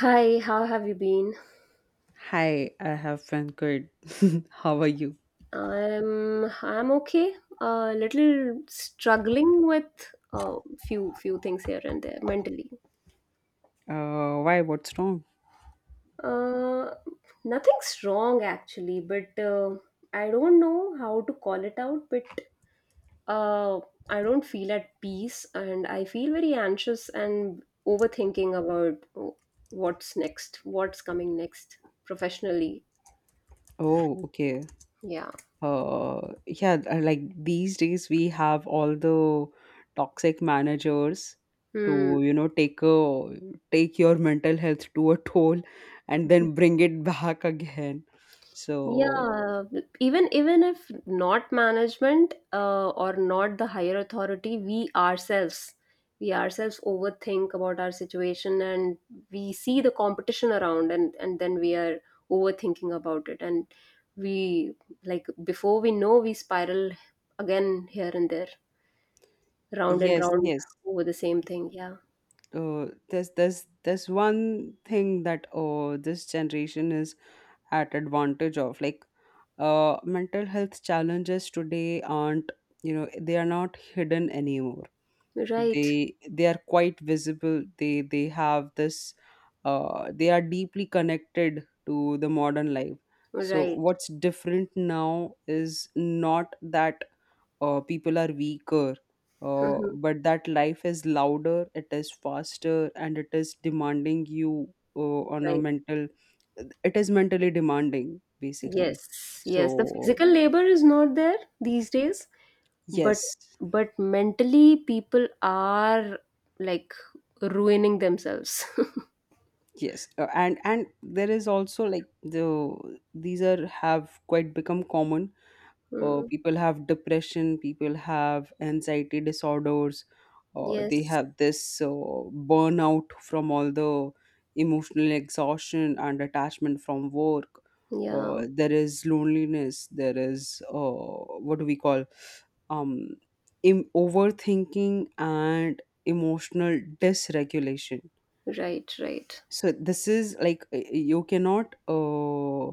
Hi, how have you been? Hi, I have been good. How are you? I'm okay. A little struggling with a few things here and there mentally. Why? What's wrong? Uh, Nothing's wrong actually, but I don't know how to call it out. But uh, I don't feel at peace, and I feel very anxious and overthinking about what's next, what's coming next professionally. Oh, okay. Yeah. Yeah, like these days we have all the toxic managers Hmm. to, you know, take your mental health to a toll and then bring it back again. So, Yeah, even if not management or not the higher authority, we ourselves overthink about our situation, and we see the competition around, and then we are overthinking about it, and we, like, before we know, we spiral again here and there, round and yes, round, yes. over the same thing. Yeah, There's one thing that this generation is at advantage of. Like, mental health challenges today aren't, you know, they are not hidden anymore. right, They are quite visible. They have this, they are deeply connected to the modern life. So right, what's different now is not that people are weaker, Mhm. but that life is louder, it is faster, and it is demanding you, uh, on a Right. mental, it is mentally demanding basically. Yes, yes. The So physical labor is not there these days, but yes, but mentally people are, like, ruining themselves. yes, and there is also like the, these are have quite become common. Mm. People have depression, people have anxiety disorders, they Yes. have this, burnout from all the emotional exhaustion and attachment from work. Yeah. There is loneliness. There is, what do we call, um, overthinking and emotional dysregulation. Right, right. So this is like, you cannot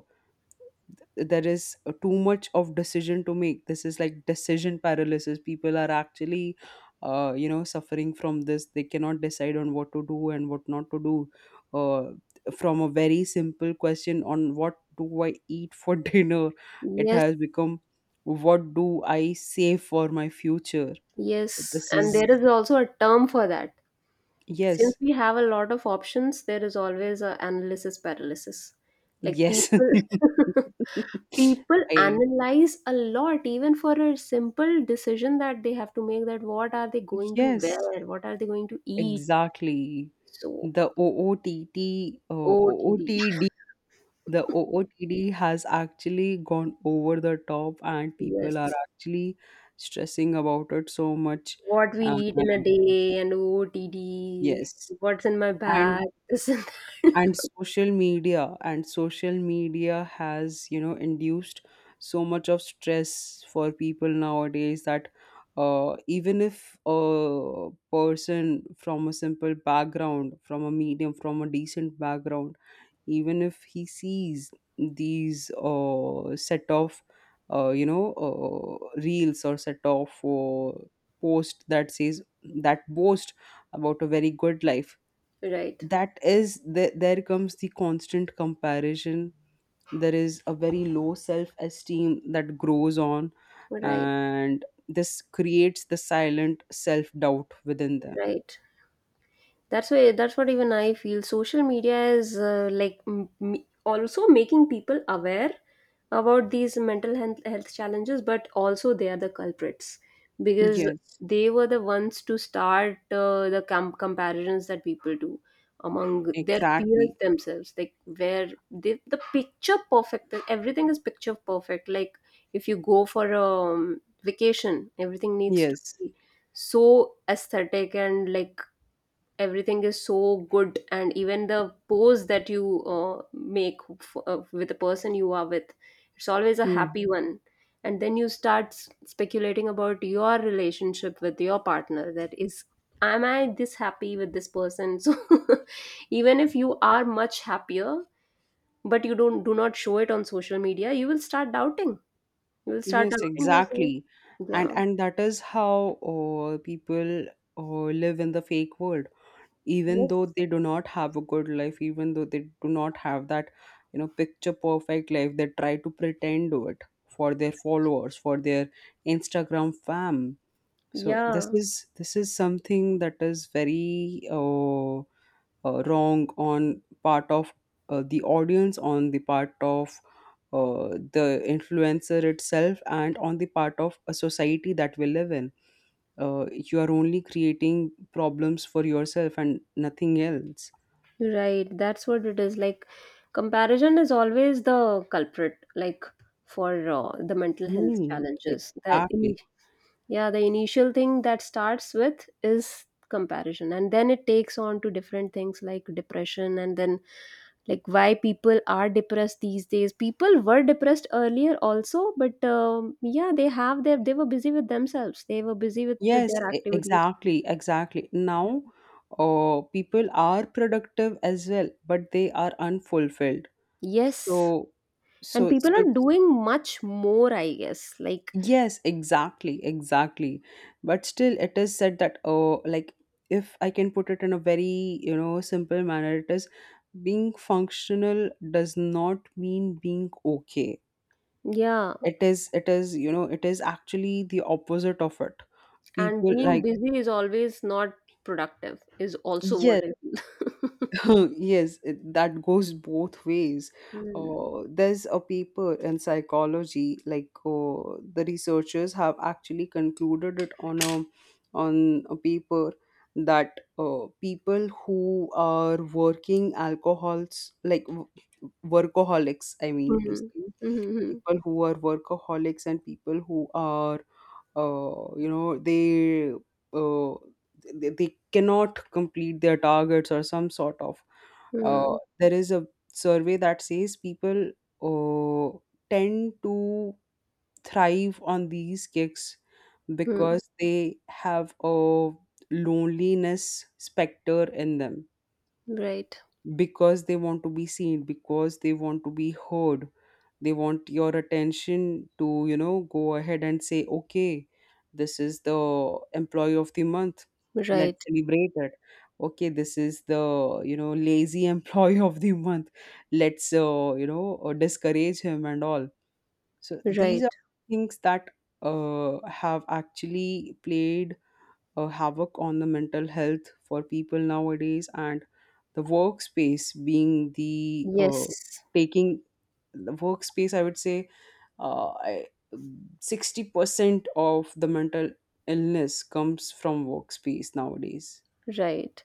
there is, too much of decision to make. This is like decision paralysis. People are actually, you know, suffering from this. They cannot decide on what to do and what not to do, uh, from a very simple question on what do I eat for dinner. It Yes, has become what do I save for my future. So yes, this and is, there is also a term for that. Since yes, we have a lot of options, there is always a analysis paralysis, like yes, people, people I analyze a lot even for a simple decision that they have to make, that what are they going to yes. wear, what are they going to eat. Exactly. So The OOTT, otd. OOTD, the OOTD has actually gone over the top, and people are Yes. actually stressing about it so much. What we Uh, eat in a day and OOTD, yes. what's in my bag, And this and that. and social media, has, you know, induced so much of stress for people nowadays that, even if a person from a simple background, from a medium, from a decent background, even if he sees these, set of, reels, or set of, post that says, that boast about a very good life, Right, that is the, there comes the constant comparison. There is a very low self esteem that grows on, right, and this creates the silent self doubt within them. right. That's why that's what even I feel. Social media is, like, also making people aware about these mental health, health challenges, but also they are the culprits, because Yes, they were the ones to start the comparisons that people do among their peers exactly, themselves, like where they, the picture perfect, everything is picture perfect, like if you go for a vacation, everything needs to yes. be so aesthetic, and, like, everything is so good, and even the pose that you make with the person you are with, it's always a Hmm. happy one, and then you start speculating about your relationship with your partner, that is, am I this happy with this person? So even if you are much happier, but you don't do not show it on social media, you will start doubting, you will start Yes, doubting yourself. exactly. Yeah. and That is how, people, live in the fake world, even though Yes. they do not have a good life, even though they do not have that, you know, picture perfect life. They try to pretend to it for their followers, for their Instagram fam. So this Yeah. is this is something that is very, wrong on part of, the audience, on the part of, uh, the influencer itself, and on the part of a society that we live in. Uh, you are only creating problems for yourself and nothing else. Right, that's what it is. Like, comparison is always the culprit, like, for the mental health Mm, challenges. Exactly. Yeah, the initial thing that starts with is comparison, and then it takes on to different things like depression, and then, like, why people are depressed these days. People were depressed earlier also, but yeah, they have their, they were busy with themselves, they were busy with Yes, their activities. exactly, exactly. Now, people are productive as well, but they are unfulfilled. Yes. So, And so, people so, are doing much more, I guess. Like, Yes, exactly, exactly. But still, it is said that, oh, like, if I can put it in a very, you know, simple manner, it is, being functional does not mean being okay. yeah, It is, you know, it is actually the opposite of it. and People being like, busy is always not productive, is also what yes, I feel. yes, it, that goes both ways. Mm, There's a paper in psychology, like, the researchers have actually concluded it on a paper, that, people who are working alcohols, like, workaholics, I mm, mean to say, mhm, mhm, people who are workaholics and people who are, you know, uh, they cannot complete their targets or some sort of, uh, mm, there is a survey that says people, uh, tend to thrive on these kicks mm. because they have a loneliness specter in them, Right, because they want to be seen, because they want to be heard. They want your attention to, you know, go ahead and say, okay, this is the employee of the month, let's right, celebrate it. Okay, this is the, you know, lazy employee of the month, let's, discourage him and all. So these right. are things that, have actually played a havoc on the mental health for people nowadays, and the workspace being the, Yes. taking the workspace I would say I, 60% of the mental illness comes from workspace nowadays. Right.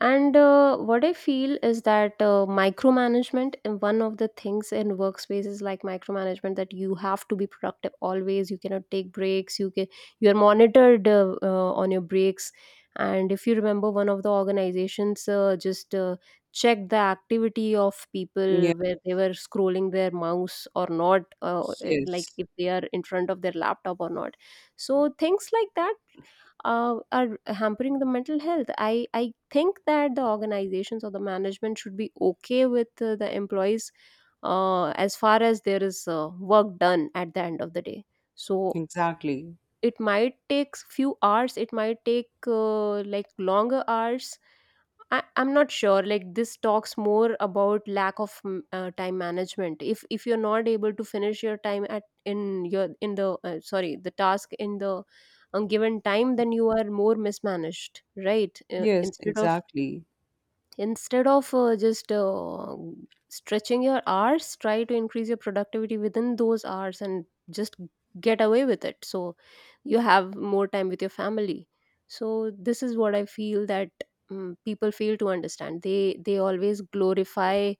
And what I feel is that micromanagement, and one of the things in workspaces like micromanagement, that you have to be productive always. You cannot take breaks. You can, you are monitored, on your breaks. And if you remember, one of the organizations just checked the activity of Yeah. people where they were scrolling their mouse or not, like Yes, if they are in front of their laptop or not. So things like that are hampering the mental health. I think that the organizations or the management should be okay with the employees, as far as there is work done at the end of the day. So exactly. it might take few hours, it might take, like, longer hours. I'm not sure. Like, this talks more about lack of time management. If you're not able to finish your time at, in your, in the, sorry the task in the given time, then you are more mismanaged, right? Yes, Instead of, exactly. instead of just stretching your hours, try to increase your productivity within those hours and just get away with it. So you have more time with your family. So this is what I feel, that people fail to understand. They always glorify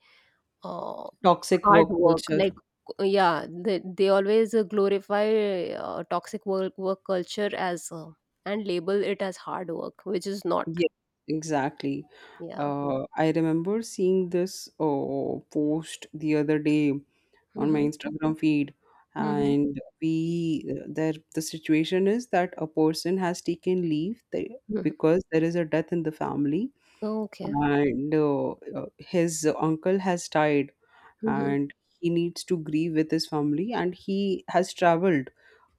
uh, Toxic hard work work, culture. like, yeah, they always glorify toxic work culture as and label it as hard work, which is not. Yes, exactly. Yeah. I remember seeing this, post the other day on my Mm-hmm. Instagram feed, Hmm. and we, there the situation is that a person has taken leave. They, Hmm. because there is a death in the family, Oh, okay. and his uncle has died, Mhm, and he needs to grieve with his family, and he has traveled,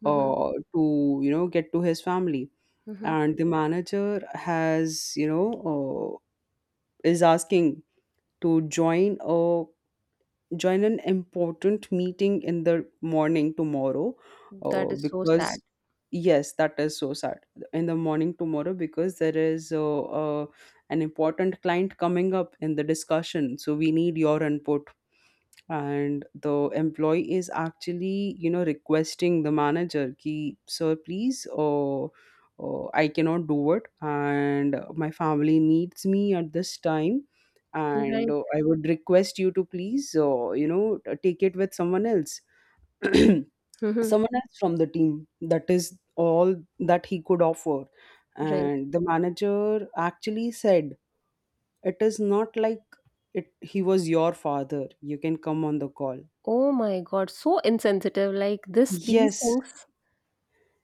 mhm, to, you know, get to his family. mhm. And the manager has, you know, is asking to join an important meeting in the morning tomorrow, That is so sad. because, yes, that is so sad, in the morning tomorrow, because there is, an important client coming up in the discussion, so we need your input. And the employee is actually, you know, requesting the manager, ki sir please, or, I cannot do it, and my family needs me at this time, and, Right. I would request you to please, you know, take it with someone else. Mhm, Someone else from the team, that is all that he could offer. right. And the manager actually said, it is not like it he was your father, you can come on the call. Oh my God, so insensitive. Like, this, Yes,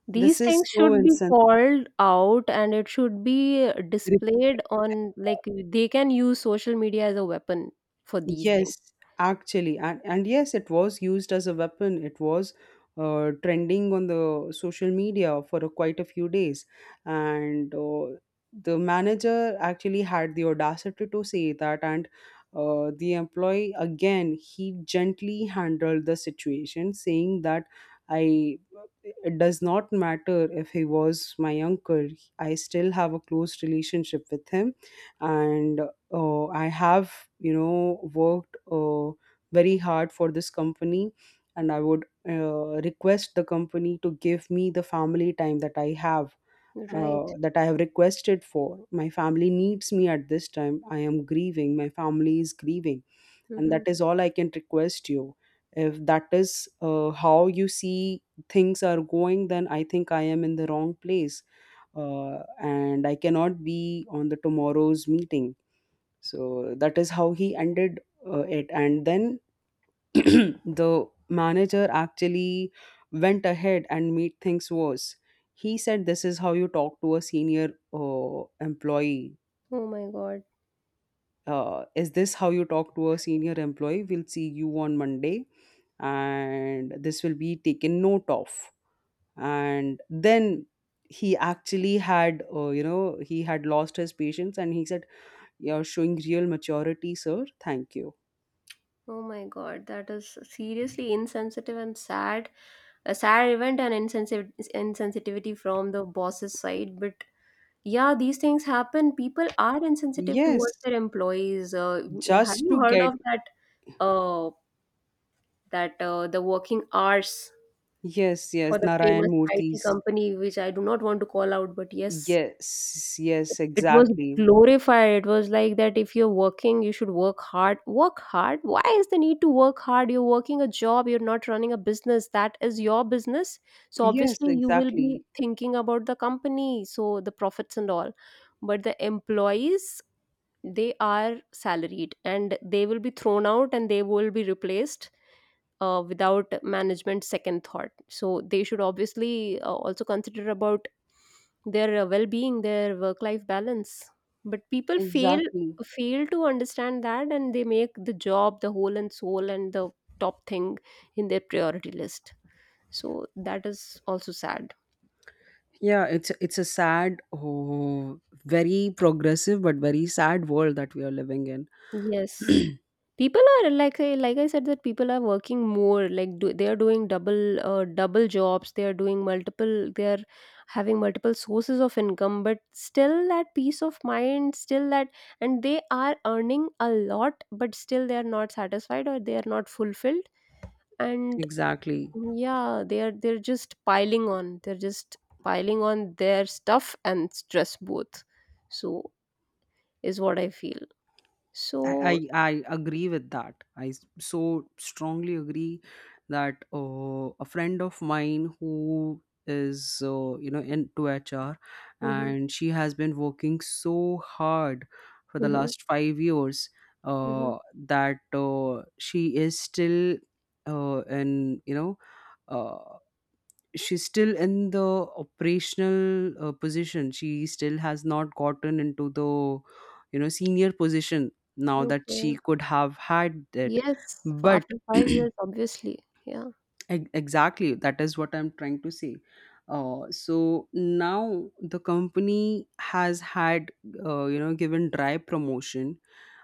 these this is things so should be insensitive. called out, and it should be displayed on, like, they can use social media as a weapon for these things. Yes, actually, and yes, it was used as a weapon. It was, trending on the social media for a, quite a few days, and, the manager actually had the audacity to say that, and, the employee, again, he gently handled the situation, saying that, I, it does not matter if he was my uncle. I still have a close relationship with him, and, I have, you know, worked, very hard for this company, and I would, request the company to give me the family time that I have, Right. Requested for. My family needs me at this time. I am grieving. My family is grieving, and that Mm-hmm. is all I can request you. If that is, how you see things are going, then I think I am in the wrong place, and I cannot be on the tomorrow's meeting. So that is how he ended, it. And then the manager actually went ahead and made things worse. He said, this is how you talk to a senior, employee, Oh my God. Is this how you talk to a senior employee? We'll see you on Monday, and this will be taken note of. And then he actually had, you know, he had lost his patience, and he said, you're showing real maturity, sir, thank you. Oh my God. That is seriously insensitive and sad. A sad event and insensitive insensitivity from the boss's side, but yeah, these things happen. People are insensitive Yes. towards their employees. Have Just you to heard get, of that? Uh, that, the working hours yes, yes, for the Narayan famous IT Murthy's. company, which I do not want to call out, but yes, Yes, yes, it was exactly. glorified. It was like that if you're working, you should work hard. Work hard? Why is the need to work hard? You're working a job, you're not running a business. That is your business. So Yes, obviously, you will be exactly. thinking about the company, so the profits and all, but the employees, they are salaried and they will be thrown out and they will be replaced without management second thought, so they should obviously also consider about their well-being, their work-life balance, but people fail, Exactly. fail to understand that, and they make the job the whole and soul and the top thing in their priority list. So that is also sad. Yeah, it's a sad, oh, very progressive but very sad world that we are living in. Yes. People are, like, I, like I said, that people are working more, like, do, they are doing double, double jobs, they are doing multiple, they are having multiple sources of income, but still that peace of mind, still that, and they are earning a lot, but still they are not satisfied or they are not fulfilled, and Exactly. yeah, they are, they're just piling on, they're just piling on their stuff and stress both, so is what I feel. So I agree with that. So strongly agree that, a friend of mine who is, you know, into HR, mhm, and she has been working so hard for the mhm, last 5 years, mhm. uh, that, she is still, in you know uh, she's still in the operational, position. She still has not gotten into the, you know, senior position, now that she Okay. could have had it, Yes, f but, after 5 years, obviously. Yeah. Exactly, that is what I'm trying to say. So now the company has had, you know, given dry promotion,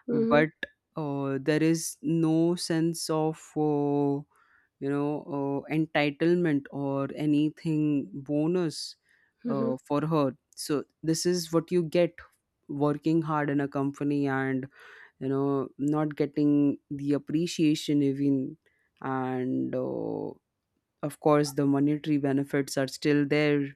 Mhm, but, there is no sense of, you know, entitlement or anything, bonus, mhm. For her. So this is what you get working hard in a company, and, you know, not getting the appreciation even, and, of course, the monetary benefits are still there,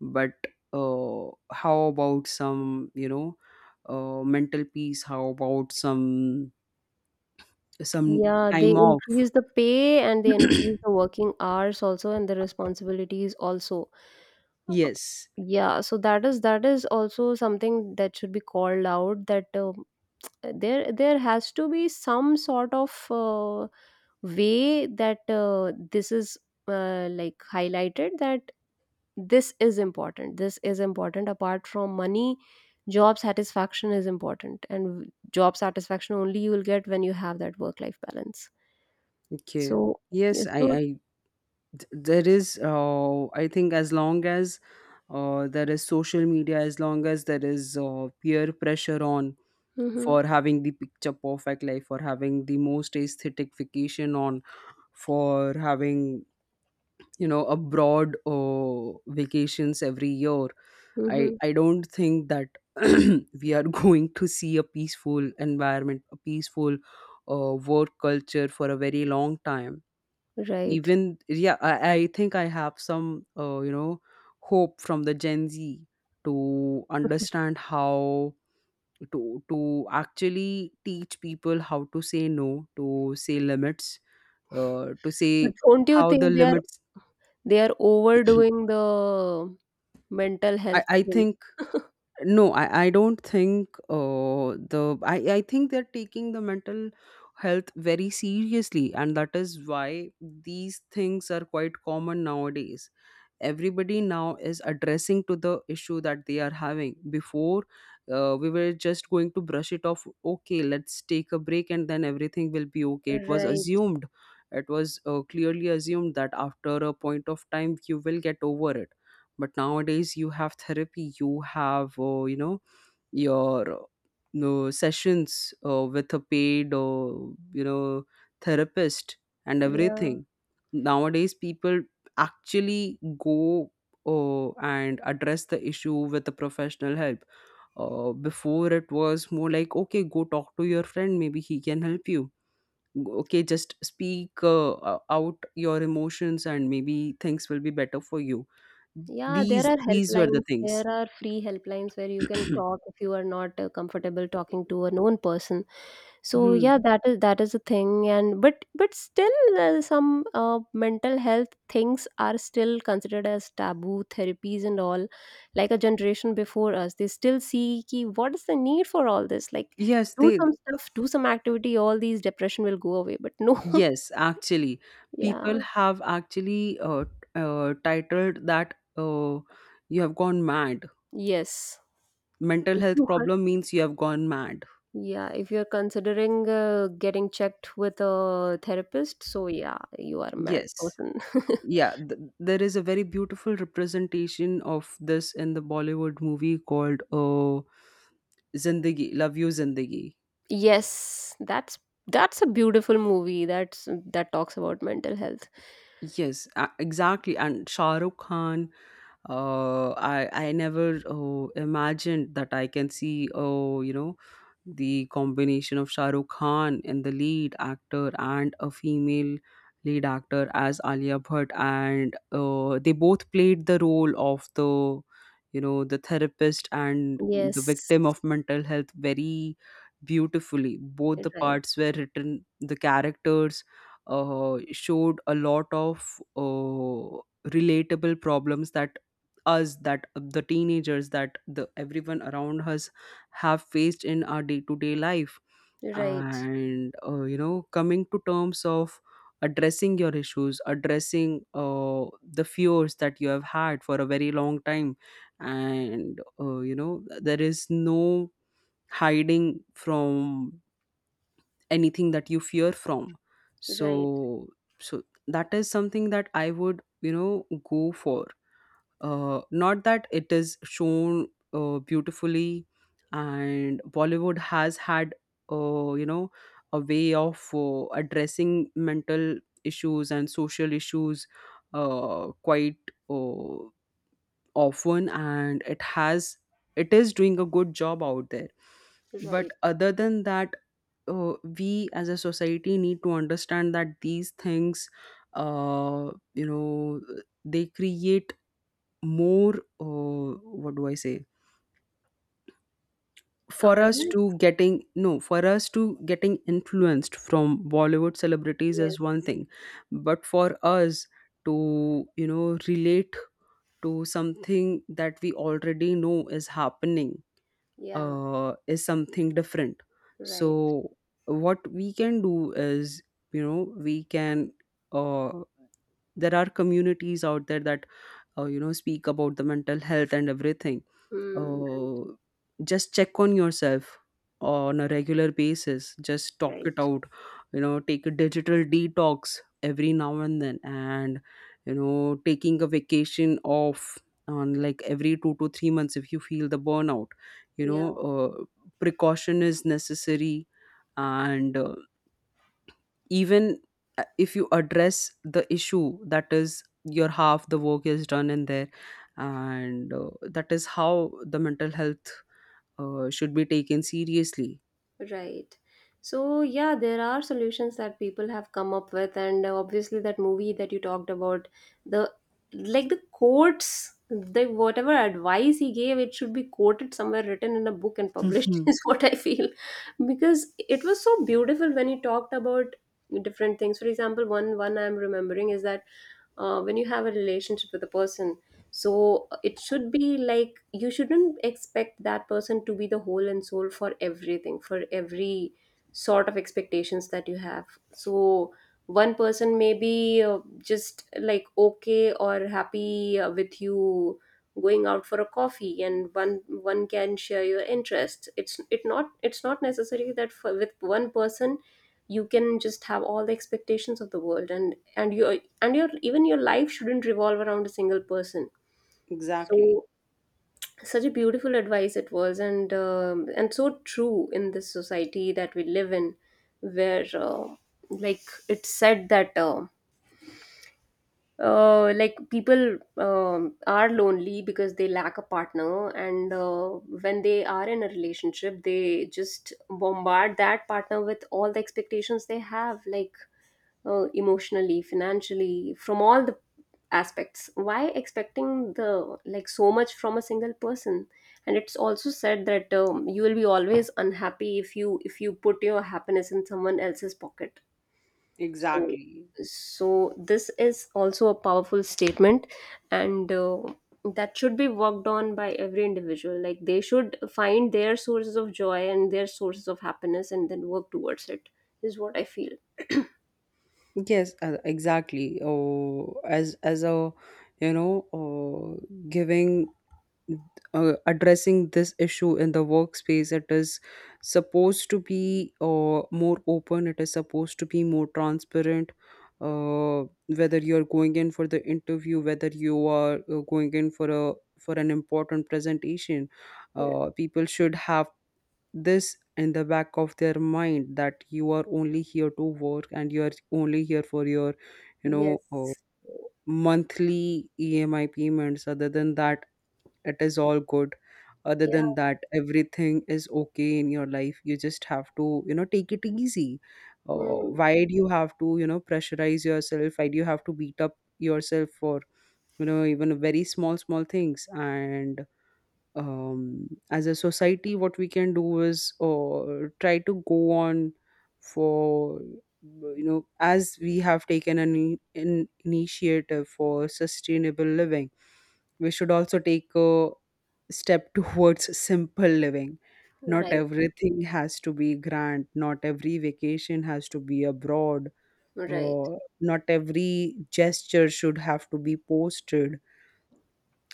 but, how about some, you know, mental peace? How about some Yeah, they time off? increase the pay and they increase the working hours also and the responsibilities also. Uh, Yes. yeah, so that is, that is also something that should be called out, that there there has to be some sort of way that this is like highlighted, that this is important, this is important apart from money. Job satisfaction is important, and job satisfaction only you will get when you have that work life balance. Okay. So Yes, yeah, so, I there is, I think, as long as, there is social media, as long as there is, peer pressure on, hmm, for having the picture perfect life, for having the most aesthetic vacation on, for having, you know, abroad, vacations every year, i hmm, i don't think that we are going to see a peaceful environment, a peaceful, work culture for a very long time, right. even. Yeah, I think I have some, you know, hope from the Gen Z to understand how to to actually teach people how to say no, to say limits, to So say don't you how, the think they are, limits. they are overdoing the mental health I thing? think, no, I don't think, the I think they're taking the mental health very seriously, and that is why these things are quite common nowadays. Everybody now is addressing to the issue that they are having. Before, we were just going to brush it off. Okay, let's take a break, and then everything will be okay. It was Right. assumed, it was clearly assumed that after a point of time you will get over it. But nowadays you have therapy, you have your no sessions with a paid you know therapist and Yeah. everything. Nowadays people actually go and address the issue with the professional help. Before, it was more like, okay, go talk to your friend, maybe he can help you. Okay, just speak out your emotions and maybe things will be better for you. Yeah, there these are these were the helplines. things. There are free helplines where you can talk if you are not comfortable talking to a known person. So Hmm. yeah, that is, that is a thing, and but still, some mental health things are still considered as taboo, therapies and all. Like, a generation before us, they still see ki, what is the need for all this? Like, Yes, do they some stuff, do some activity, all these depression will go away. But no, yes, actually, yeah, people have actually titled that you have gone mad. yes. Mental If health you are, problem means you have gone mad. yeah, if you're considering getting checked with a therapist, so yeah, you are a mad Yes. person. Yeah, there is a very beautiful representation of this in the Bollywood movie called Zindagi, Love You Zindagi. Yes, that's a beautiful movie, that's, that talks about mental health. Yes, exactly. And Shah Rukh Khan, I never imagined that I can see, oh, the combination of Shah Rukh Khan and the lead actor and a female lead actor as Alia Bhatt, and they both played the role of the, the therapist and the Yes. victim of mental health very beautifully. Both the Right. parts were written, the characters showed a lot of relatable problems that us, that the teenagers, that the everyone around us have faced in our day-to-day life. Right. And coming to terms of addressing your issues, addressing the fears that you have had for a very long time. And there is no hiding from anything that you fear from. Right. So so that is something that I would, go for. Not that it is shown beautifully, and Bollywood has had, uh, you know, a way of addressing mental issues and social issues quite uh, often, and it is doing a good job out there. But Right. other than that, we as a society need to understand that these things, uh, you know, they create more what do I say. For us Awareness? to getting, no, for us to getting influenced from Bollywood celebrities is one Yes. thing, but for us to, relate to something that we already know is happening Yeah. Is something different. Right. So what we can do is, we can uh, there are communities out there that speak about the mental health and everything. Hmm. uh, just check on yourself on a regular basis, just Right. talk it Right. out, take a digital detox every now and then, and taking a vacation off on like every 2 to 3 months if you feel the burnout. you know Yeah. uh, Precaution is necessary, and even if you address the issue, that is your, half the work is done in there. And that is how the mental health should be taken seriously. Right. So, yeah, there are solutions that people have come up with, and obviously, that movie that you talked about, the, like the quotes, the whatever advice he gave, it should be quoted somewhere, written in a book, and published, Hmm. is what I feel, because it was so beautiful when he talked about different things. For example, one I'm remembering is that when you have a relationship with a person, so it should be like you shouldn't expect that person to be the whole and soul for everything, for every sort of expectations that you have. So one person may be just like okay or happy with you going out for a coffee, and one can share your interests. It's not necessary that for, with one person you can just have all the expectations of the world, and your and your even your life shouldn't revolve around a single person. Exactly. So such a beautiful advice it was, and so true in this society that we live in, where like it's said that like people are lonely because they lack a partner, and when they are in a relationship, they just bombard that partner with all the expectations they have, like emotionally, financially, from all the aspects. Why expecting the like so much from a single person? And it's also said that you will be always unhappy if you put your happiness in someone else's pocket. So Exactly. so this is also a powerful statement, and that should be worked on by every individual, like they should find their sources of joy and their sources of happiness and then work towards it is what I feel. Yes, exactly. Oh, as a, you know uh, giving, addressing this issue in the workspace, it is supposed to be more open, it is supposed to be more transparent. uh, Whether you're going in for the interview, whether you are going in for a, for an important presentation, people should have this in the back of their mind that you are only here to work, and you are only here for your, you know uh, Yes. monthly emi payments. Other than that, it is all good. Other Yeah. than that, everything is okay in your life. You just have to, take it easy. Mm. Why do you have to, pressurize yourself? Why do you have to beat up yourself for, even very small small things? And as a society, what we can do is, try to go on for, as we have taken an initiative for sustainable living, we should also take a step towards simple living. Not Right. everything has to be grand. Not every vacation has to be abroad. Right. Not every gesture should have to be posted.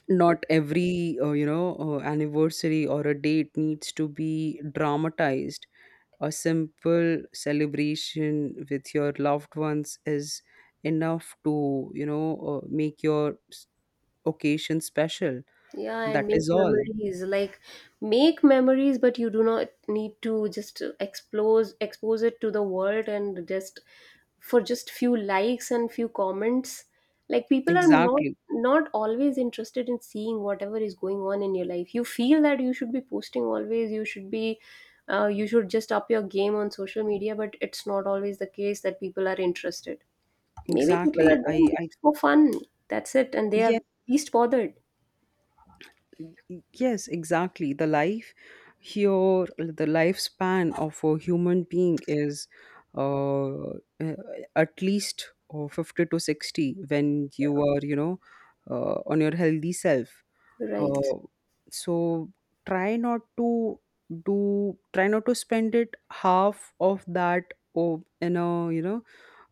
Not every anniversary or a date needs to be dramatized. A simple celebration with your loved ones is enough to, make your occasion special. Yeah, and That make is all. memories. Like make memories, but you do not need to just expose it to the world and just for just few likes and few comments. Like people are not Exactly. not always interested in seeing whatever is going on in your life. You feel that you should be posting always. You should be you should just up your game on social media, but it's not always the case that people are interested. Maybe people exactly are i doing i just for fun. That's it. And they yeah. are least bothered. Yes, exactly. The life here, the lifespan of a human being is uh, uh, at least 50 to 60 when you are, you know, on your healthy self. Right. Uh, so try not to do, try not to spend it half of that or in a, you know,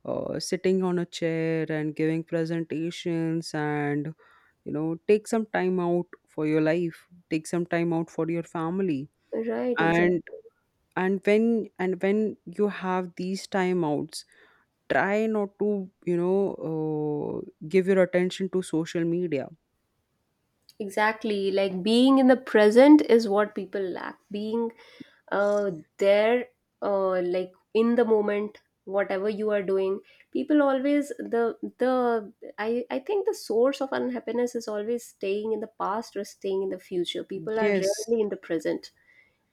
sitting on a chair and giving presentations and, take some time out for your life, take some time out for your family. Right. Exactly. And and when and when you have these timeouts, try not to, give your attention to social media. Exactly. Like being in the present is what people lack. Being uh, there, like in the moment, whatever you are doing. People always the I think the source of unhappiness is always staying in the past or staying in the future. People are Yes, rarely in the present,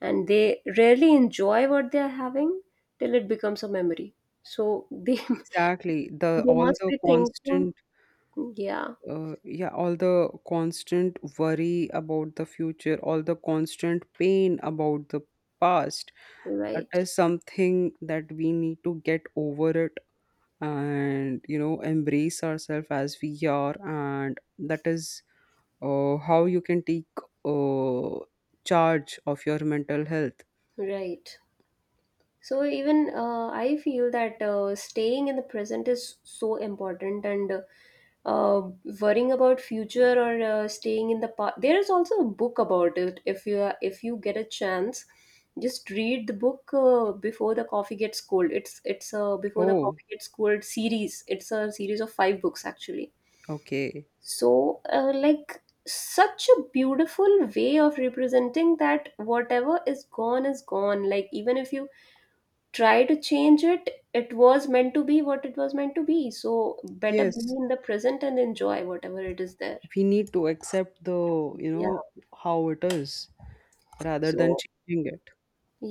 and they rarely enjoy what they are having till it becomes a memory. So they exactly. The, they all must the be thinking, constant yeah, yeah, all the constant worry about the future, all the constant pain about the past, that right, is something that we need to get over it. And, you know, embrace ourselves as we are. And that is how you can take uh, charge of your mental health. right. So even I feel that staying in the present is so important, and uh, worrying about future or staying in the past. There is also a book about it. If you are, if you get a chance, just read the book Before the Coffee Gets Cold. It's a Before the Oh, Coffee Gets Cold series. It's a series of five books actually. okay. So like such a beautiful way of representing that whatever is gone is gone. Like even if you try to change it, it was meant to be what it was meant to be, so better be Yes, in the present and enjoy whatever it is there. we need to accept the, you Yeah, know, how it is rather than so changing it.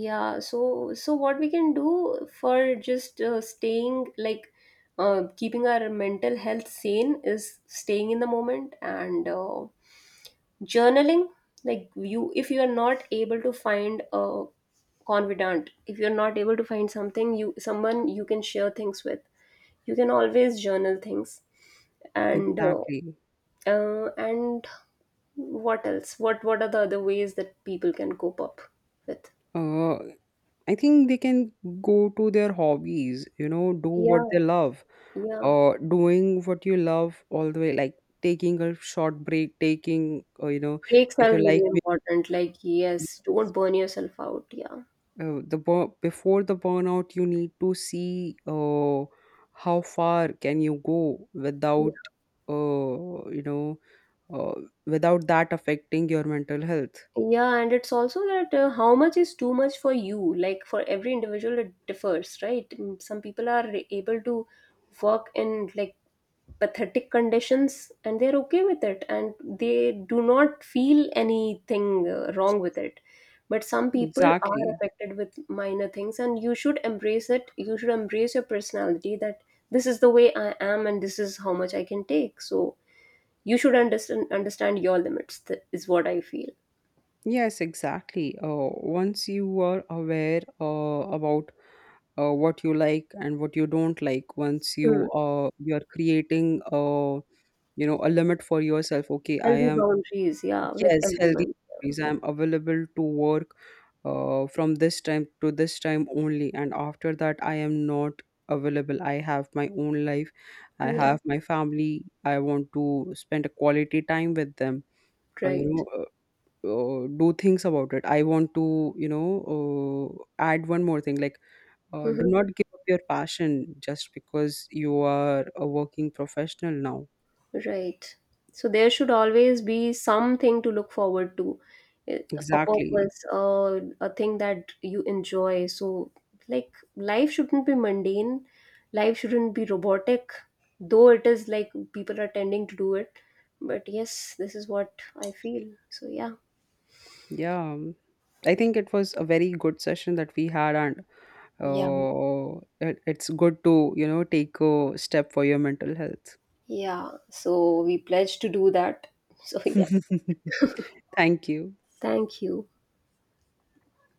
yeah, so so what we can do for just staying like keeping our mental health sane is staying in the moment and journaling. Like you, if you are not able to find a confidant, if you're not able to find something, you someone you can share things with, you can always journal things, and uh, Exactly. And what else, what are the other ways that people can cope up with? Uh, I think they can go to their hobbies, you know, do what Yeah. they love. Yeah, Doing what you love all the way, like taking a short break, taking, you know, breaks if are you like, really important. Like maybe, yes, don't burn yourself out. Yeah. Before the burnout, you need to see how far can you go without, you know, uh, without that affecting your mental health. Yeah, and it's also that how much is too much for you? Like for every individual, it differs, right? Mm, some people are able to work in like pathetic conditions and they're okay with it and they do not feel anything wrong with it. But some people are Exactly. affected with minor things, and you should embrace it. You should embrace your personality that this is the way I am and this is how much I can take. So you should understand your limits, is what I feel. Yes, exactly. Once you are aware about what you like and what you don't like, once you you're creating a limit for yourself. Okay, I Healthy am, boundaries, yeah, with yes, healthy everyone. boundaries. I'm available to work from this time to this time only, and after that I am not available. I have my own life, I Yeah, have my family, I want to spend a quality time with them. uh, you right. know uh, do things about it. I want to, add one more thing, like do Mhm. not give up your passion just because you are a working professional now. Right. So there should always be something to look forward to, eh, a Exactly. purpose, a thing that you enjoy. So, like, life shouldn't be mundane, life shouldn't be robotic, though it is like people are tending to do it. But yes, this is what I feel. So, yeah. Yeah. I think it was a very good session that we had, and Yeah. It's good to, you know, take a step for your mental health. Yeah. So, we pledge to do that. So, yeah. Thank you. Thank you.